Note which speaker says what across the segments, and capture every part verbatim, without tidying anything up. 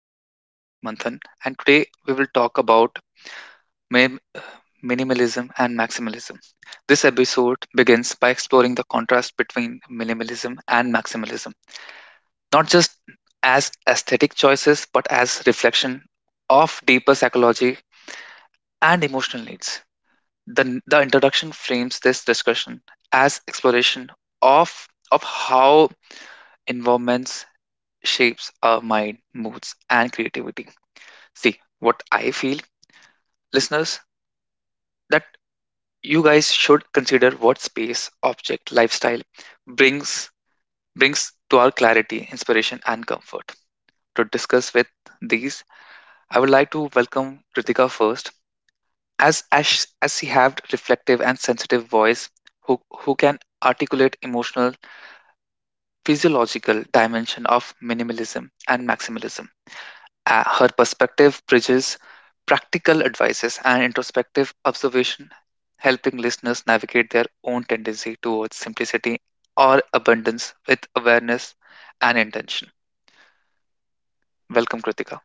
Speaker 1: your host, Manthan, and today we will talk about mi- minimalism and maximalism. This episode begins by exploring the contrast between minimalism and maximalism, not just as aesthetic choices, but as reflection of deeper psychology and emotional needs. The, the introduction frames this discussion as exploration of, of how environments shapes our mind, moods, and creativity. See, what I feel, listeners, that you guys should consider what space, object, lifestyle brings brings to our clarity, inspiration, and comfort. To discuss with these, I would like to welcome Kritika first, as as, sh- as she have reflective and sensitive voice, who who can articulate emotional, physiological dimension of minimalism and maximalism. Uh, her perspective bridges practical advices and introspective observation, helping listeners navigate their own tendency towards simplicity or abundance with awareness and intention. Welcome, Kritika.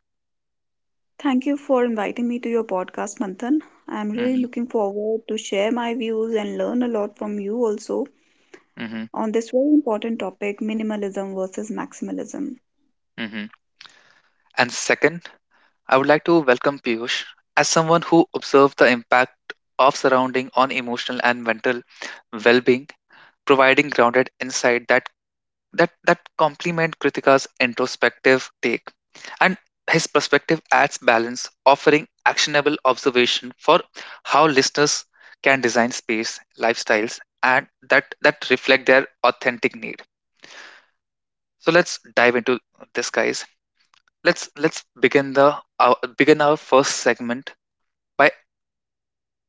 Speaker 2: Thank you for inviting me to your podcast, Manthan. I'm really
Speaker 1: hmm
Speaker 2: looking forward to share my views and learn a lot from you also
Speaker 1: hmm
Speaker 2: on this very important topic, minimalism versus maximalism.
Speaker 1: hmm And second, I would like to welcome Piyush as someone who observed the impact of surrounding on emotional and mental well-being, providing grounded insight that that that complement Kritika's introspective take, and his perspective adds balance, offering actionable observation for how listeners can design space, lifestyles, and that that reflect their authentic need. So let's dive into this, guys. Let's let's begin the our, begin our first segment by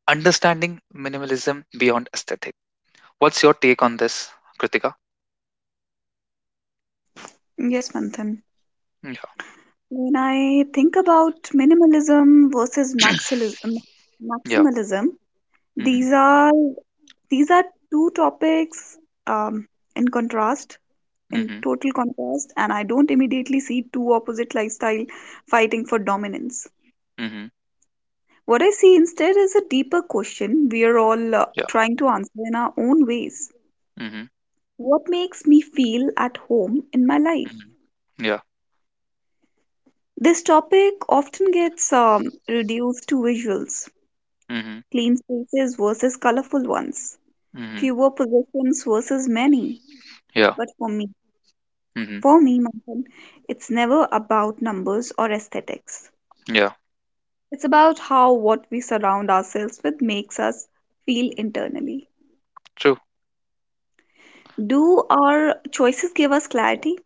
Speaker 1: understanding minimalism beyond aesthetic. What's your take on this, Kritika?
Speaker 2: Yes, Manthan.
Speaker 1: Yeah,
Speaker 2: When I think about minimalism versus maxilis-
Speaker 1: yeah.
Speaker 2: maximalism,
Speaker 1: Mm-hmm,
Speaker 2: these are these are two topics um, in contrast, in
Speaker 1: mm-hmm.
Speaker 2: total contrast, and I don't immediately see two opposite lifestyle fighting for dominance. What I see instead is a deeper question we are all uh,
Speaker 1: Yeah.
Speaker 2: trying to answer in our own ways.
Speaker 1: Mhm.
Speaker 2: What makes me feel at home in my life?
Speaker 1: Mhm. Yeah.
Speaker 2: This topic often gets um, reduced to visuals,
Speaker 1: Mhm.
Speaker 2: clean spaces versus colorful ones,
Speaker 1: Mhm.
Speaker 2: fewer possessions versus many.
Speaker 1: Yeah.
Speaker 2: But for me,
Speaker 1: Mhm.
Speaker 2: for me, Manthan, it's never about numbers or aesthetics.
Speaker 1: Yeah.
Speaker 2: It's about how what we surround ourselves with makes us feel internally.
Speaker 1: True.
Speaker 2: Do our choices give us clarity,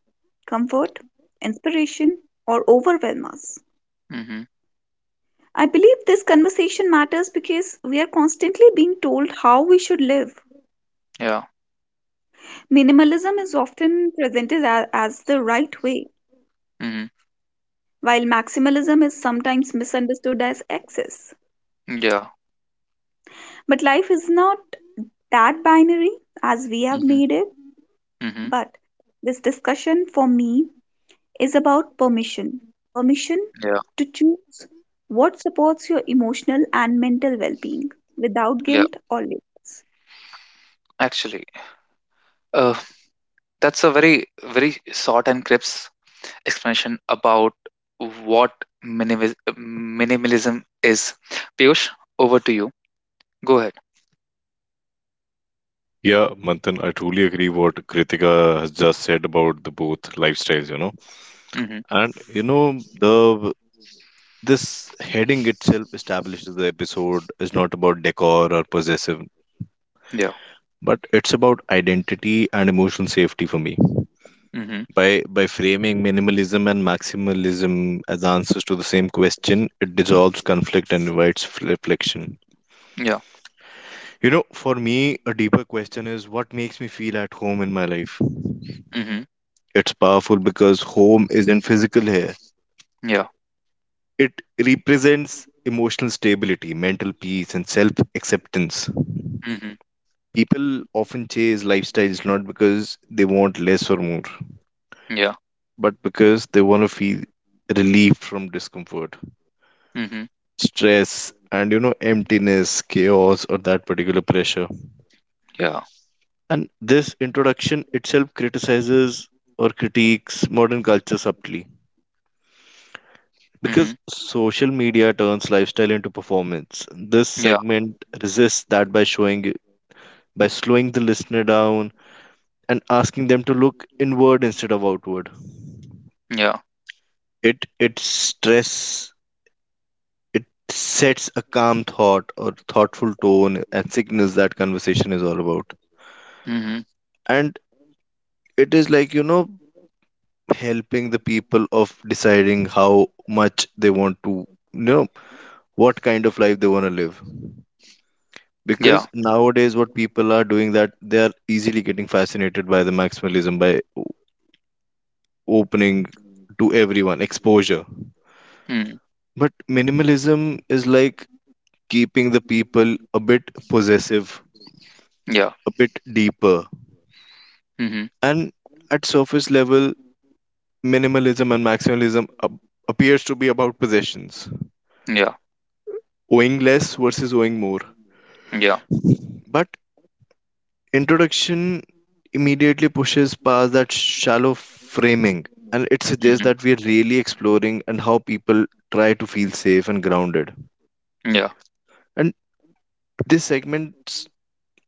Speaker 2: comfort, inspiration, or overwhelm us?
Speaker 1: Mhm.
Speaker 2: I believe this conversation matters because we are constantly being told how we should live.
Speaker 1: Yeah.
Speaker 2: Minimalism is often presented a- as the right way,
Speaker 1: Mhm.
Speaker 2: while maximalism is sometimes misunderstood as excess.
Speaker 1: Yeah.
Speaker 2: But life is not that binary as we have
Speaker 1: Mhm.
Speaker 2: made it.
Speaker 1: Mhm.
Speaker 2: But this discussion for me is about permission, permission
Speaker 1: Yeah.
Speaker 2: to choose what supports your emotional and mental well being without
Speaker 1: Yeah.
Speaker 2: guilt or limits.
Speaker 1: Actually, uh, that's a very very short and crisp explanation about what minimis- minimalism is. Piyush, over to you. Go ahead.
Speaker 3: Yeah, Manthan, I truly agree what Kritika has just said about the both lifestyles, you know.
Speaker 1: Mhm.
Speaker 3: And you know, the this heading itself establishes the episode is not about decor or possessive,
Speaker 1: Yeah.
Speaker 3: but it's about identity and emotional safety for me.
Speaker 1: Mhm.
Speaker 3: By by framing minimalism and maximalism as answers to the same question, it dissolves conflict and invites f- reflection.
Speaker 1: Yeah.
Speaker 3: You know, for me, a deeper question is what makes me feel at home in my life.
Speaker 1: Mhm.
Speaker 3: It's powerful because home isn't physical here.
Speaker 1: Yeah.
Speaker 3: It represents emotional stability, mental peace, and self acceptance.
Speaker 1: Mhm.
Speaker 3: People often chase lifestyles not because they want less or more,
Speaker 1: Yeah.
Speaker 3: but because they want to feel relief from discomfort,
Speaker 1: Mhm.
Speaker 3: stress, and you know, emptiness, chaos, or that particular pressure.
Speaker 1: Yeah.
Speaker 3: And this introduction itself criticizes or critiques modern culture subtly because
Speaker 1: Mhm.
Speaker 3: social media turns lifestyle into performance. This
Speaker 1: Yeah.
Speaker 3: segment resists that by showing by slowing the listener down and asking them to look inward instead of outward.
Speaker 1: Yeah.
Speaker 3: It it stress it sets a calm thought or thoughtful tone and signals that conversation is all about.
Speaker 1: Mhm.
Speaker 3: And it is like, you know, helping the people of deciding how much they want to you know what kind of life they want to live, because
Speaker 1: Yeah.
Speaker 3: nowadays what people are doing that they are easily getting fascinated by the maximalism by o- opening to everyone exposure,
Speaker 1: Mm.
Speaker 3: but minimalism is like keeping the people a bit possessive,
Speaker 1: Yeah.
Speaker 3: a bit deeper.
Speaker 1: Mhm.
Speaker 3: And at surface level, minimalism and maximalism ap- appears to be about possessions,
Speaker 1: Yeah.
Speaker 3: owing less versus owing more,
Speaker 1: Yeah.
Speaker 3: but introduction immediately pushes past that shallow framing, and it suggests
Speaker 1: Mhm.
Speaker 3: that we are really exploring and how people try to feel safe and grounded.
Speaker 1: Yeah.
Speaker 3: And this segment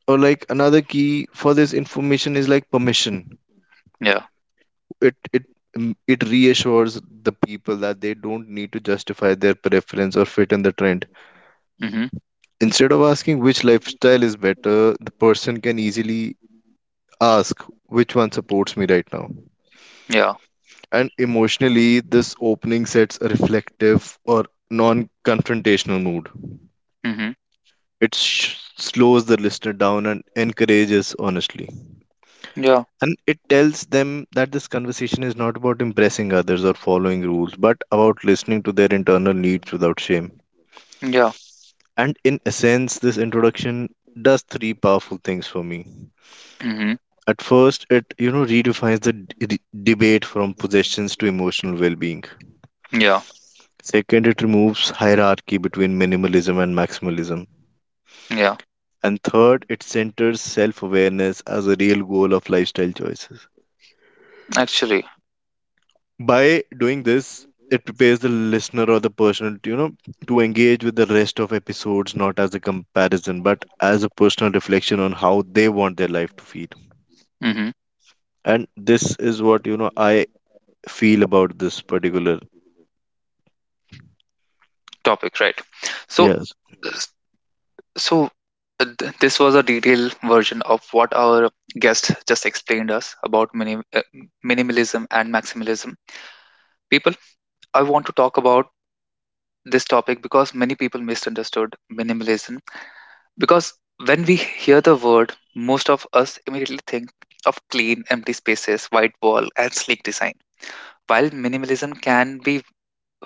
Speaker 3: or like another key for this information is like permission.
Speaker 1: Yeah.
Speaker 3: It it mm, it reassures the people that they don't need to justify their preference or fit in the trend.
Speaker 1: Mhm.
Speaker 3: Instead of asking which lifestyle is better, the person can easily ask which one supports me right now.
Speaker 1: Yeah.
Speaker 3: And emotionally, this opening sets a reflective or non confrontational mood.
Speaker 1: Mhm.
Speaker 3: It sh- slows the listener down and encourages honestly.
Speaker 1: Yeah.
Speaker 3: And it tells them that this conversation is not about impressing others or following rules, but about listening to their internal needs without shame.
Speaker 1: Yeah.
Speaker 3: And in essence, this introduction does three powerful things for me.
Speaker 1: Mhm.
Speaker 3: At first, it you know redefines the d- d- debate from possessions to emotional well-being.
Speaker 1: Yeah.
Speaker 3: Second, it removes hierarchy between minimalism and maximalism.
Speaker 1: Yeah.
Speaker 3: And third, it centers self awareness as a real goal of lifestyle choices.
Speaker 1: Actually.
Speaker 3: By doing this, it prepares the listener or the person, you know, to engage with the rest of episodes not as a comparison, but as a personal reflection on how they want their life to feel.
Speaker 1: Mhm.
Speaker 3: And this is what, you know, I feel about this particular.
Speaker 1: Topic, right. So
Speaker 3: Yes.
Speaker 1: s- so uh, th- this was a detailed version of what our guest just explained us about minim- uh, minimalism and maximalism. People, I want to talk about this topic because many people misunderstood minimalism. Because when we hear the word, most of us immediately think of clean, empty spaces, white wall, and sleek design. While minimalism can be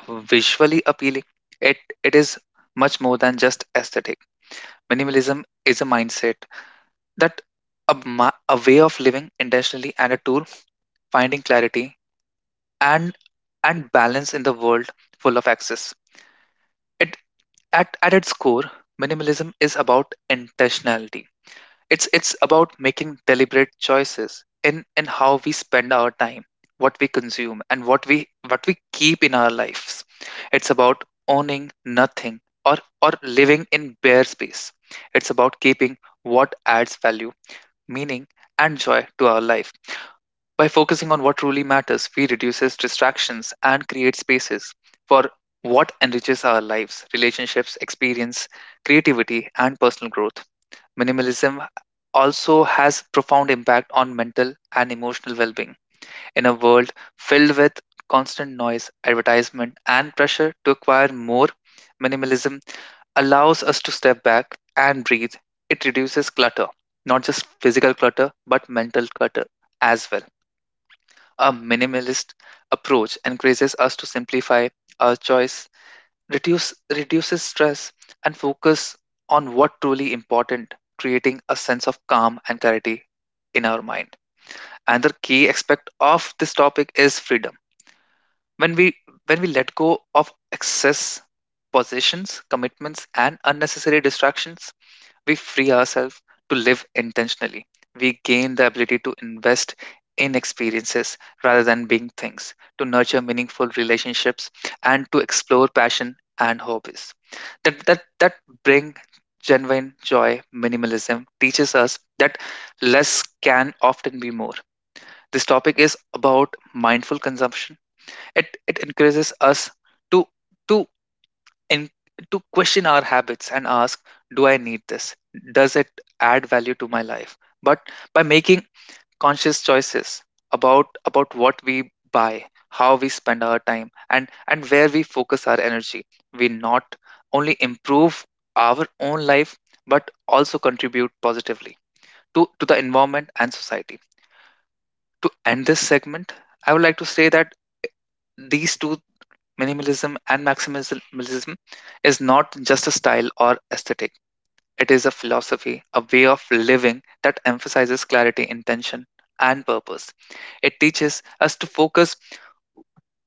Speaker 1: visually appealing, it, it is much more than just aesthetic. Minimalism is a mindset that a, ma- a way of living intentionally and a tool finding clarity and and balance in the world full of access. It at, at its core, minimalism is about intentionality. It's it's about making deliberate choices in in how we spend our time, what we consume, and what we what we keep in our lives. It's about owning nothing or or living in bare space. It's about keeping what adds value, meaning, and joy to our life. By focusing on what truly matters, we reduces distractions and create spaces for what enriches our lives, relationships, experience, creativity, and personal growth. Minimalism also has profound impact on mental and emotional well-being. In a world filled with constant noise, advertisement, and pressure to acquire more, minimalism allows us to step back and breathe. It reduces clutter, not just physical clutter, but mental clutter as well. A minimalist approach encourages us to simplify our choice reduce, reduces stress, and focus on what truly important, creating a sense of calm and clarity in our mind. Another key aspect of this topic is freedom. When we when we let go of excess possessions, commitments, and unnecessary distractions, we free ourselves to live intentionally. We gain the ability to invest in experiences rather than being things, to nurture meaningful relationships and to explore passion and hobbies. That that that bring genuine joy. Minimalism teaches us that less can often be more. This topic is about mindful consumption. It it encourages us to to and to question our habits and ask, do I need this? Does it add value to my life? But by making conscious choices about about what we buy, how we spend our time, and and where we focus our energy, we not only improve our own life, but also contribute positively to to the environment and society. To end this segment, I would like to say that these two, minimalism and maximalism, is not just a style or aesthetic, it is a philosophy, a way of living that emphasizes clarity, intention, and purpose. It teaches us to focus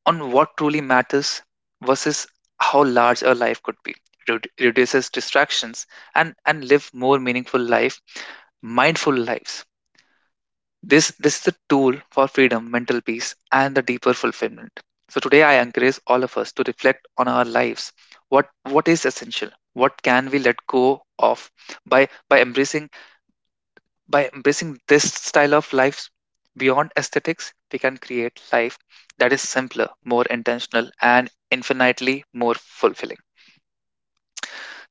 Speaker 1: on what truly matters versus how large our life could be. Redu- reduces distractions and, and live more meaningful life, mindful lives. This this is a tool for freedom, mental peace, and the deeper fulfillment. So today I encourage all of us to reflect on our lives. What what is essential? What can we let go of? by by embracing by embracing this style of life beyond aesthetics, we can create life that is simpler, more intentional, and infinitely more fulfilling.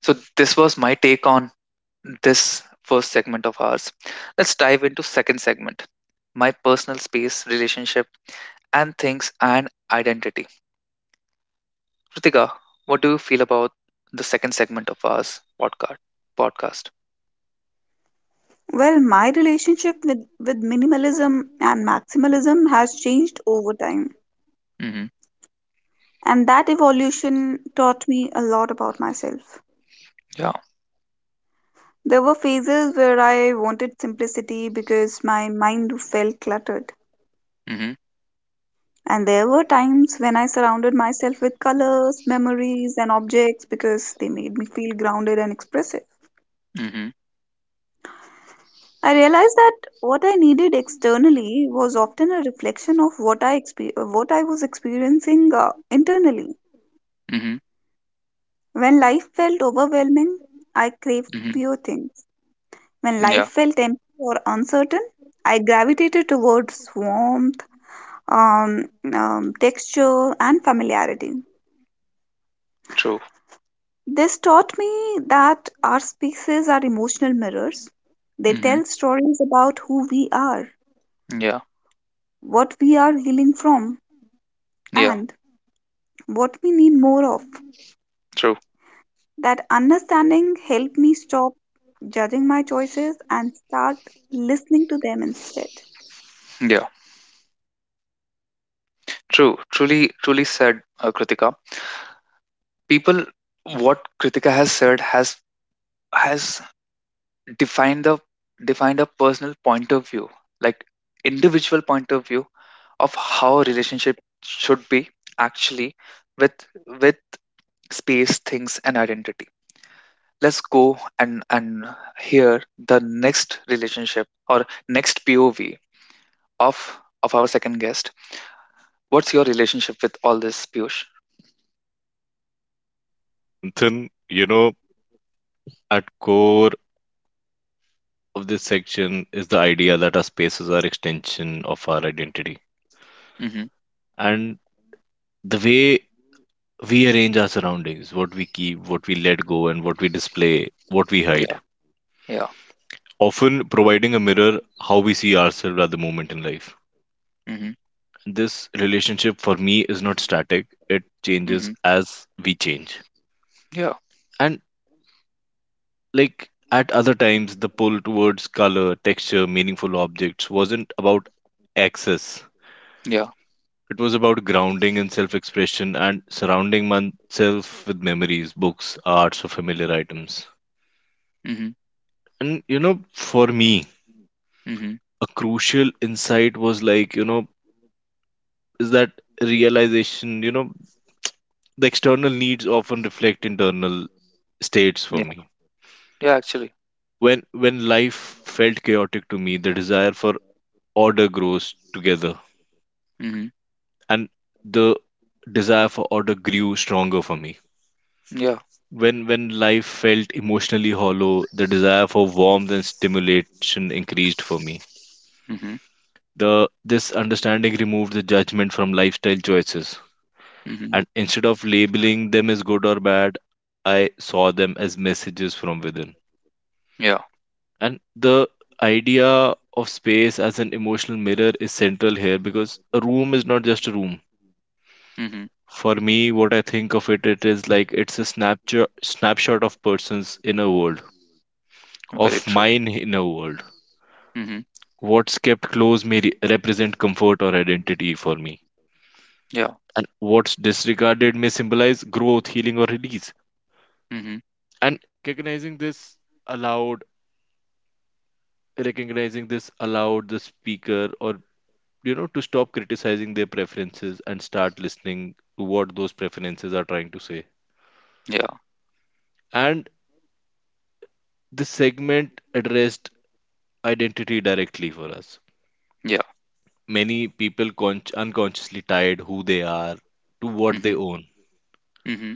Speaker 1: So this was my take on this first segment of ours. Let's dive into second segment. My personal space, relationship and things and identity. Ritika, what do you feel about the second segment of our podcast? Podcast.
Speaker 2: Well, my relationship with, with minimalism and maximalism has changed over time,
Speaker 1: Mm-hmm.
Speaker 2: and that evolution taught me a lot about myself.
Speaker 1: Yeah.
Speaker 2: There were phases where I wanted simplicity because my mind felt cluttered.
Speaker 1: Mm-hmm.
Speaker 2: And there were times when I surrounded myself with colors, memories, and objects because they made me feel grounded and expressive.
Speaker 1: Mm-hmm.
Speaker 2: I realized that what I needed externally was often a reflection of what I expe- uh, what I was experiencing uh, internally.
Speaker 1: Mm-hmm.
Speaker 2: When life felt overwhelming, I craved
Speaker 1: Mm-hmm.
Speaker 2: fewer things. When life
Speaker 1: Yeah.
Speaker 2: felt empty or uncertain, I gravitated towards warmth, um, um, texture, and familiarity.
Speaker 1: True.
Speaker 2: This taught me that our spaces are emotional mirrors. They
Speaker 1: Mm-hmm.
Speaker 2: tell stories about who we are,
Speaker 1: Yeah.
Speaker 2: what we are healing from,
Speaker 1: Yeah.
Speaker 2: and what we need more of.
Speaker 1: True.
Speaker 2: That understanding helped me stop judging my choices and start listening to them instead.
Speaker 1: Yeah. True. Truly. Truly said, uh, Kritika. People, what Kritika has said has has defined the defined a personal point of view, like individual point of view of how a relationship should be actually with with space, things, and identity. Let's go and and hear the next relationship or next P O V of of our second guest. What's your relationship with all this, Piyush?
Speaker 3: Then, you know, at core of this section is the idea that our spaces are extension of our identity,
Speaker 1: Mm-hmm.
Speaker 3: and the way we arrange our surroundings, what we keep, what we let go, and what we display, what we hide,
Speaker 1: Yeah, yeah.
Speaker 3: often providing a mirror how we see ourselves at the moment in life.
Speaker 1: Mm-hmm.
Speaker 3: This relationship for me is not static, it changes
Speaker 1: Mm-hmm.
Speaker 3: as we change.
Speaker 1: Yeah,
Speaker 3: And like, at other times, the pull towards color texture meaningful objects wasn't about access.
Speaker 1: yeah.
Speaker 3: It was about grounding in self expression and surrounding oneself with memories, books, arts, or familiar items.
Speaker 1: Mm-hmm.
Speaker 3: And you know, for me,
Speaker 1: Mm-hmm.
Speaker 3: a crucial insight was like, you know, is that realization, you know, the external needs often reflect internal states for
Speaker 1: Yeah,
Speaker 3: me.
Speaker 1: yeah. Actually.
Speaker 3: When when life felt chaotic to me, the desire for order grows together.
Speaker 1: Mm-hmm.
Speaker 3: And the desire for order grew stronger for me.
Speaker 1: Yeah.
Speaker 3: When when life felt emotionally hollow, the desire for warmth and stimulation increased for me.
Speaker 1: Mm-hmm.
Speaker 3: The this understanding removed the judgment from lifestyle choices,
Speaker 1: Mm-hmm.
Speaker 3: and instead of labeling them as good or bad, I saw them as messages from within.
Speaker 1: Yeah.
Speaker 3: And the idea of space as an emotional mirror is central here because a room is not just a room.
Speaker 1: Mm-hmm.
Speaker 3: For me, what I think of it, it is like it's a snapshot snapshot of persons inner world,
Speaker 1: Very
Speaker 3: of
Speaker 1: true.
Speaker 3: mine inner world.
Speaker 1: Mm-hmm.
Speaker 3: What's kept close may re- represent comfort or identity for me.
Speaker 1: Yeah.
Speaker 3: And what's disregarded may symbolize growth, healing, or release.
Speaker 1: Mm-hmm.
Speaker 3: And
Speaker 1: Yeah. Yeah. Mm-hmm. Mm-hmm.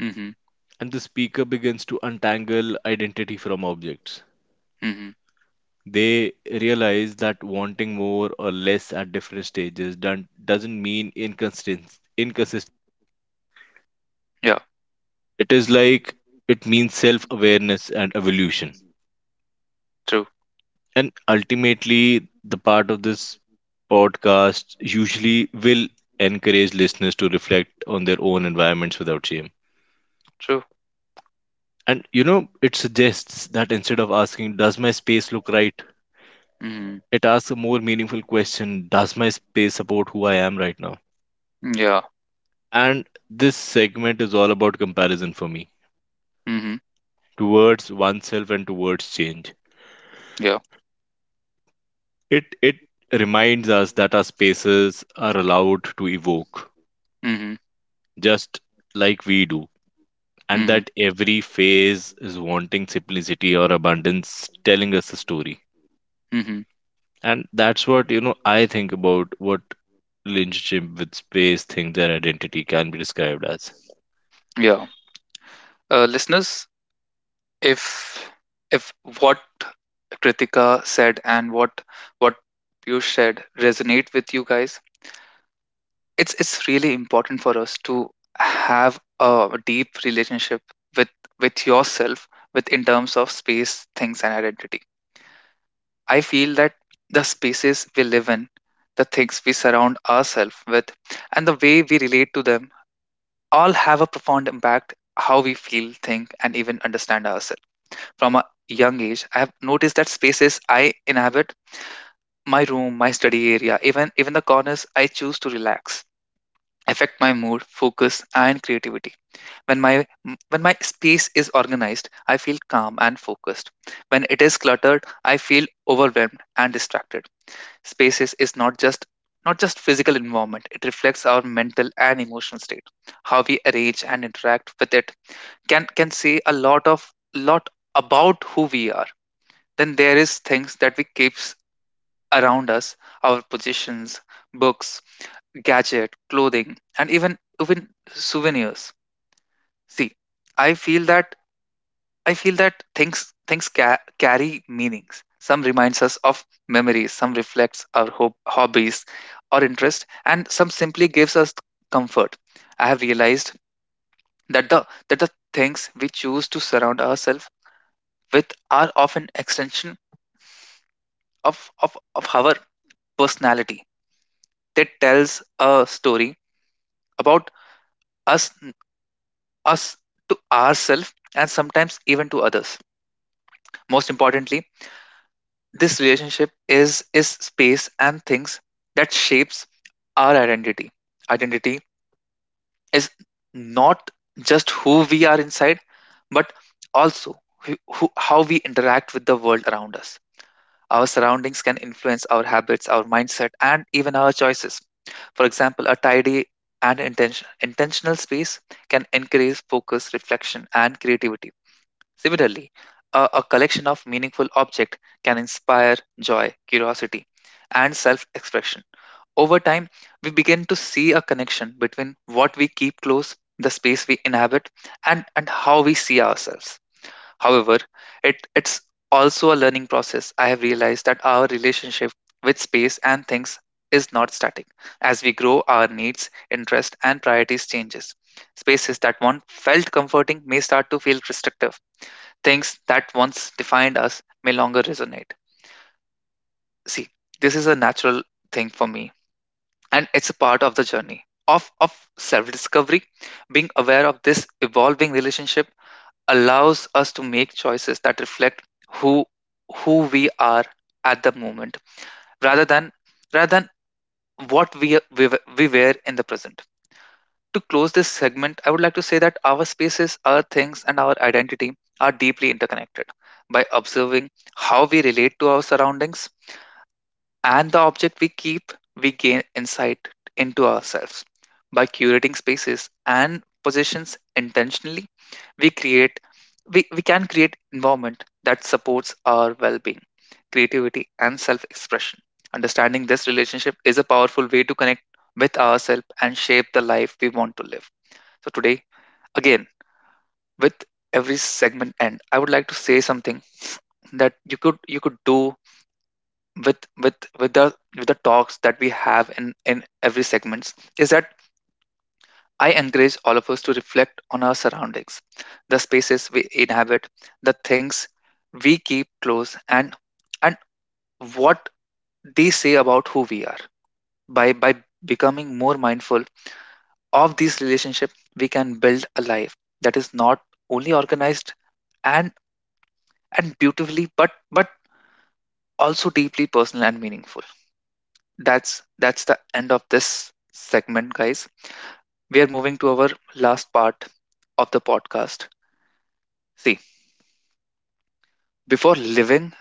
Speaker 1: Mm-hmm. Mm-hmm. Yeah.
Speaker 3: it is like it means self awareness and evolution.
Speaker 1: True.
Speaker 3: And ultimately, the part of this podcast usually will encourage listeners to reflect on their own environments without shame.
Speaker 1: True.
Speaker 3: And you know, it suggests that instead of asking, "Does my space look right?",
Speaker 1: Mm-hmm.
Speaker 3: it asks a more meaningful question: "Does my space support who I am right now?"
Speaker 1: Yeah.
Speaker 3: And this segment is all about comparison for me
Speaker 1: Mm-hmm.
Speaker 3: towards oneself and towards change.
Speaker 1: Yeah.
Speaker 3: It it reminds us that our spaces are allowed to evoke,
Speaker 1: Mhm,
Speaker 3: just like we do, and
Speaker 1: mhm,
Speaker 3: that every phase is wanting simplicity or abundance telling us a story.
Speaker 1: mhm.
Speaker 3: And that's what you know I think about what relationship with space, things and identity can be described as.
Speaker 1: Yeah. Uh, listeners, if if what Kritika said and what what you said resonate with you guys, it's it's really important for us to have a deep relationship with with yourself, with in terms of space, things, and identity. I feel that the spaces we live in, the things we surround ourselves with, and the way we relate to them all have a profound impact how we feel, think, and even understand ourselves. From a young age, I have noticed that spaces I inhabit, my room, my study area, even even the corners I choose to relax, affect my mood, focus, and creativity. When my when my space is organized, I feel calm and focused. When it is cluttered, I feel overwhelmed and distracted. Spaces is not just not just physical environment, it reflects our mental and emotional state. How we arrange and interact with it can can say a lot of lot about who we are. Then there is things that we keeps around us, our possessions, books, gadget, clothing, and even even souvenirs. See, i feel that I feel that things things ca- carry meanings. Some reminds us of memories, some reflects our hob- hobbies or interest, and some simply gives us comfort. I have realized that the that the things we choose to surround ourselves with are often extension of, of, of our personality that tells a story about us us to ourselves and sometimes even to others. Most importantly, this relationship is is space and things that shapes our identity. Identity is not just who we are inside, but also who, who, how we interact with the world around us. Our surroundings can influence our habits, our mindset, and even our choices. For example, a tidy and intention, intentional space can encourage focus, reflection, and creativity. Similarly, a, a collection of meaningful objects can inspire joy, curiosity, and self expression. Over time, we begin to see a connection between what we keep close, the space we inhabit, and, and how we see ourselves. However, it, it's also a learning process. I have realized that our relationship with space and things is not static. As we grow, our needs, interests, and priorities changes. Spaces that once felt comforting may start to feel restrictive. Things that once defined us may longer resonate. See, this is a natural thing for me, and it's a part of the journey of, of self-discovery. Being aware of this evolving relationship allows us to make choices that reflect who who we are at the moment rather than rather than what we we, we were in the present. To close this segment, I would like to say that our spaces, our things, and our identity are deeply interconnected. By observing how we relate to our surroundings and the object we keep, we gain insight into ourselves. By curating spaces and positions intentionally, we create we, we can create environment that supports our well-being, creativity, and self-expression. Understanding this relationship is a powerful way to connect with ourselves and shape the life we want to live. So today, again, with every segment end, I would like to say something that you could you could do with with with the with the talks that we have in in every segments is that I encourage all of us to reflect on our surroundings, the spaces we inhabit, the things we keep close, and and what they say about who we are. By by becoming more mindful of these relationship, we can build a life that is not only organized and and beautifully but but also deeply personal and meaningful. That's that's the end of this segment, guys. We are moving to our last part of the podcast. See, before living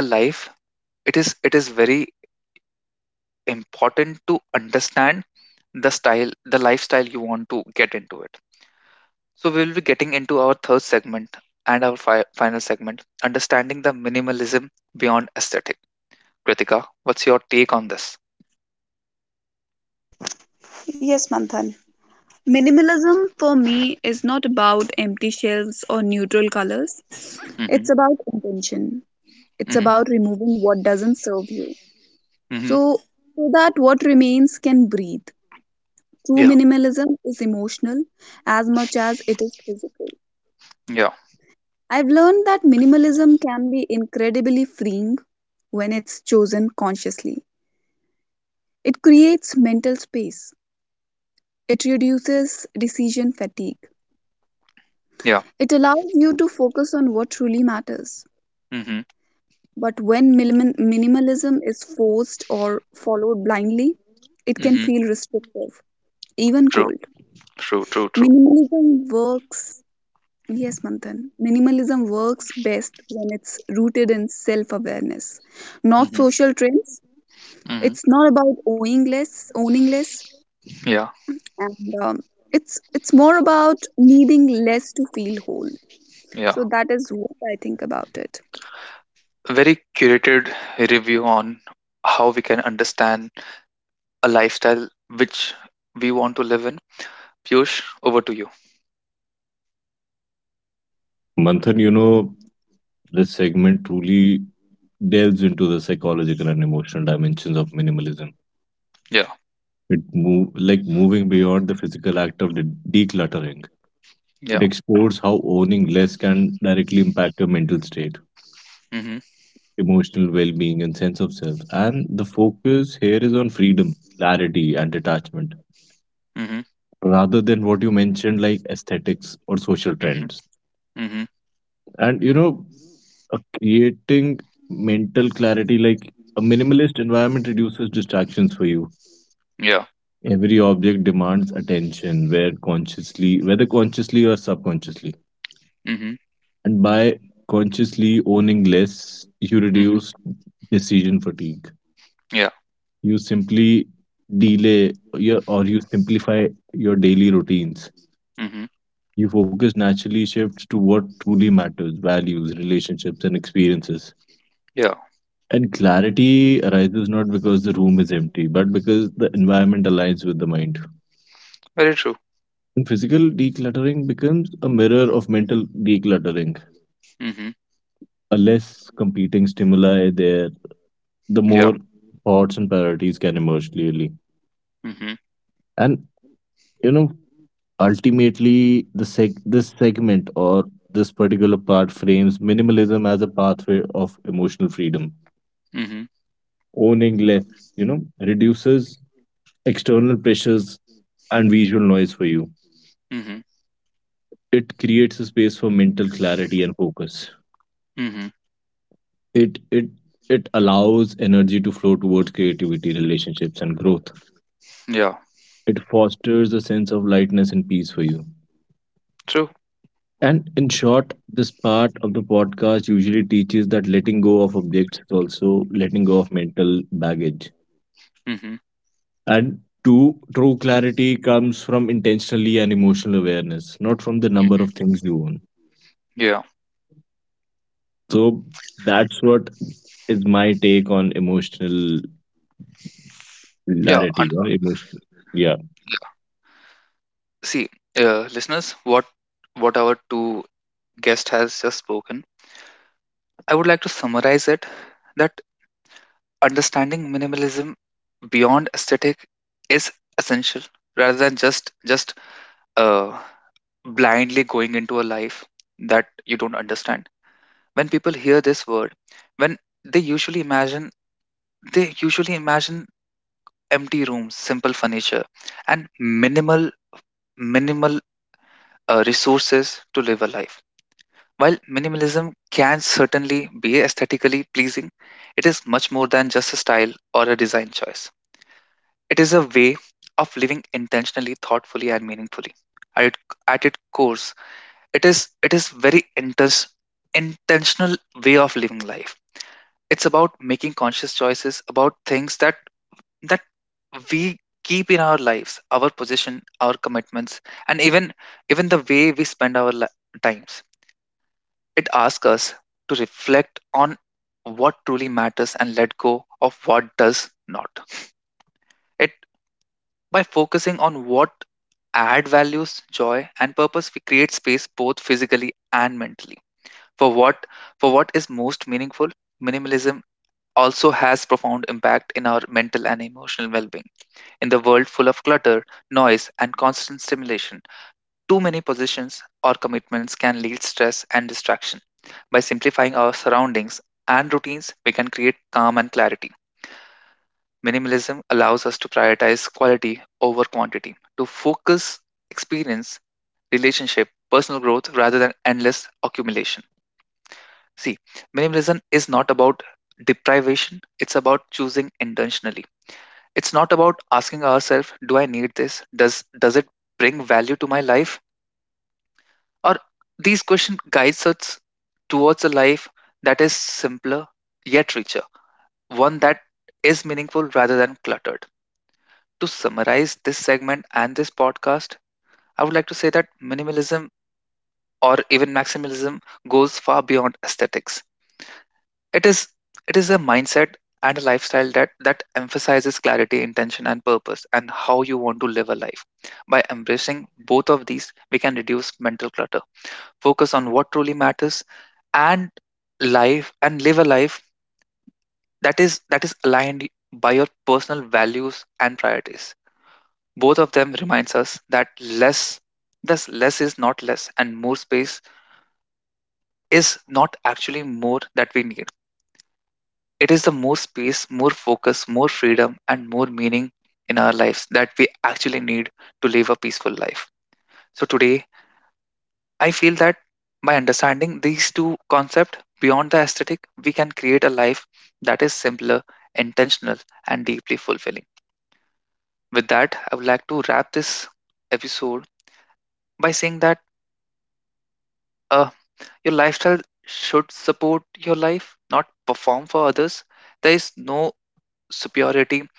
Speaker 1: a life, it is it is very important to understand the style, the lifestyle you want to get into it. So we will be getting into our third segment and our fi- final segment, understanding the minimalism beyond aesthetic. Kritika, what's your take on this?
Speaker 2: Yes, Manthan. Minimalism for me is not about empty shelves or neutral colors.
Speaker 1: Mm-hmm,
Speaker 2: It's about intention. It's
Speaker 1: mm-hmm,
Speaker 2: about removing what doesn't serve you,
Speaker 1: mm-hmm.
Speaker 2: so, so that what remains can breathe. True
Speaker 1: Yeah,
Speaker 2: minimalism is emotional as much as it is physical.
Speaker 1: yeah,
Speaker 2: I've learned that minimalism can be incredibly freeing when it's chosen consciously. It creates mental space, it reduces decision fatigue,
Speaker 1: yeah.
Speaker 2: it allows you to focus on what truly matters.
Speaker 1: Mm-hmm,
Speaker 2: But when minim- minimalism is forced or followed blindly, it can
Speaker 1: mm-hmm.
Speaker 2: feel restrictive, even
Speaker 1: True,
Speaker 2: cold.
Speaker 1: true, true, true.
Speaker 2: Minimalism works Yes, Manthan. Minimalism works best when it's rooted in self awareness, not
Speaker 1: Mm-hmm,
Speaker 2: social trends.
Speaker 1: mm-hmm.
Speaker 2: It's not about owning less, owning less,
Speaker 1: Yeah,
Speaker 2: and um, it's it's more about needing less to feel whole.
Speaker 1: yeah.
Speaker 2: So that is what I think about it.
Speaker 1: Very curated review on how we can understand a lifestyle which we want to live in. Piyush, over to you.
Speaker 3: Manthan, you know, this segment truly delves into the psychological and emotional dimensions of minimalism.
Speaker 1: Yeah,
Speaker 3: It move like moving beyond the physical act of de- decluttering. It
Speaker 1: yeah.
Speaker 3: explores how owning less can directly impact your mental state,
Speaker 1: Mhm,
Speaker 3: emotional well-being, and sense of self. And the focus here is on freedom, clarity, and detachment,
Speaker 1: mhm,
Speaker 3: rather than what you mentioned like aesthetics or social trends.
Speaker 1: mhm, mhm.
Speaker 3: And you know, uh, creating mental clarity like a minimalist environment reduces distractions for you.
Speaker 1: Yeah,
Speaker 3: Every object demands attention, where consciously, whether consciously or subconsciously.
Speaker 1: mhm,
Speaker 3: And by consciously owning less, you reduce
Speaker 1: mhm.
Speaker 3: decision fatigue.
Speaker 1: Yeah,
Speaker 3: You simply delay your or you simplify your daily routines.
Speaker 1: mhm.
Speaker 3: You focus naturally shifts to what truly matters, values, relationships, and experiences.
Speaker 1: Yeah,
Speaker 3: And clarity arises not because the room is empty, but because the environment aligns with the mind.
Speaker 1: very true.
Speaker 3: And physical decluttering becomes a mirror of mental decluttering.
Speaker 1: Mhm.
Speaker 3: A less competing stimuli there, the more
Speaker 1: Yeah,
Speaker 3: thoughts and priorities can emerge clearly.
Speaker 1: mhm,
Speaker 3: And you know, ultimately, the seg- this segment or this particular part frames minimalism as a pathway of emotional freedom.
Speaker 1: mhm,
Speaker 3: Owning less, you know, reduces external pressures and visual noise for you.
Speaker 1: mhm,
Speaker 3: It creates a space for mental clarity and focus.
Speaker 1: mhm.
Speaker 3: It it it allows energy to flow towards creativity, relationships, and growth.
Speaker 1: Yeah,
Speaker 3: It fosters a sense of lightness and peace for you.
Speaker 1: true.
Speaker 3: And in short, this part of the podcast usually teaches that letting go of objects is also letting go of mental baggage.
Speaker 1: Mhm,
Speaker 3: And two, true clarity comes from intentionally and emotional awareness, not from the number of things
Speaker 1: mhm.
Speaker 3: you own.
Speaker 1: Yeah,
Speaker 3: So that's what is my take on emotional clarity
Speaker 1: yeah.
Speaker 3: or
Speaker 1: And
Speaker 3: emotion. Yeah.
Speaker 1: yeah. See, uh, listeners, what what our two guest has just spoken, I would like to summarize it that understanding minimalism beyond aesthetic is essential rather than just just uh, blindly going into a life that you don't understand. When people hear this word, when they usually imagine they usually imagine empty rooms, simple furniture, and minimal minimal uh, resources to live a life. While minimalism can certainly be aesthetically pleasing, it is much more than just a style or a design choice. It is a way of living intentionally, thoughtfully, and meaningfully. At, it- at its course, it is it is very inten- intentional way of living life. It's about making conscious choices about things that that we keep in our lives, our position, our commitments, and even even the way we spend our li- times. It asks us to reflect on what truly matters and let go of what does not. By focusing on what add values, joy, and purpose, we create space both physically and mentally. For what for what is most meaningful, minimalism also has profound impact in our mental and emotional well-being. In the world full of clutter, noise, and constant stimulation, too many positions or commitments can lead stress and distraction. By simplifying our surroundings and routines, we can create calm and clarity. Minimalism allows us to prioritize quality over quantity, to focus experience, relationship, personal growth rather than endless accumulation. See, minimalism is not about deprivation, it's about choosing intentionally. It's not about asking ourselves, do I need this? Does does it bring value to my life? Or these questions guides us towards a life that is simpler yet richer, one that is meaningful rather than cluttered. To summarize this segment and this podcast, I would like to say that minimalism or even maximalism goes far beyond aesthetics. It is it is a mindset and a lifestyle that that emphasizes clarity, intention and purpose, and how you want to live a life. By embracing both of these, we can reduce mental clutter, focus on what truly matters, and life and live a life that is that is aligned by your personal values and priorities. Both of them reminds us that less thus less is not less, and more space is not actually more that we need. It is the more space, more focus, more freedom and more meaning in our lives that we actually need to live a peaceful life. So today I feel that by understanding these two concepts beyond the aesthetic, we can create a life that is simpler, intentional, and deeply fulfilling. With that, I would like to wrap this episode by saying that a your lifestyle should support your life, not perform for others. There is no superiority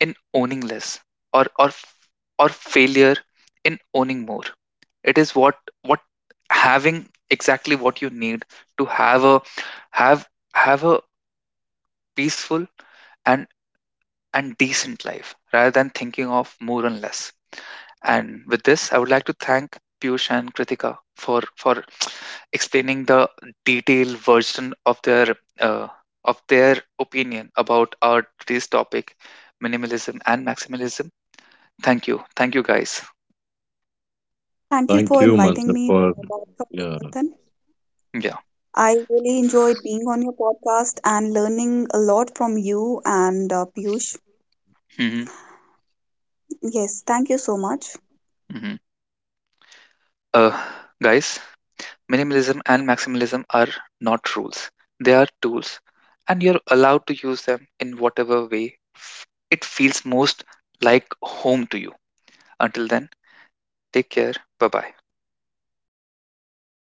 Speaker 1: in owning less or or f- or failure in owning more. It is what what having exactly what you need to have a have have a peaceful and and decent life rather than thinking of more and less. And with this, I would like to thank Piyush and Kritika for for explaining the detailed version of their uh, of their opinion about our today's topic, minimalism and maximalism. Thank you, thank you, guys.
Speaker 3: Thank
Speaker 2: Thank
Speaker 3: you,
Speaker 2: you for
Speaker 3: Mansur,
Speaker 2: inviting
Speaker 3: for
Speaker 2: me to your
Speaker 3: yeah.
Speaker 2: podcast, Manthan.
Speaker 1: Yeah.
Speaker 2: I really enjoyed being on your podcast and learning a lot from you and uh, Piyush.
Speaker 1: Hmm.
Speaker 2: Yes, thank you so much.
Speaker 1: Hmm. Uh, guys, minimalism and maximalism are not rules; they are tools, and you're allowed to use them in whatever way f- it feels most like home to you. Until then, take care. Bye bye.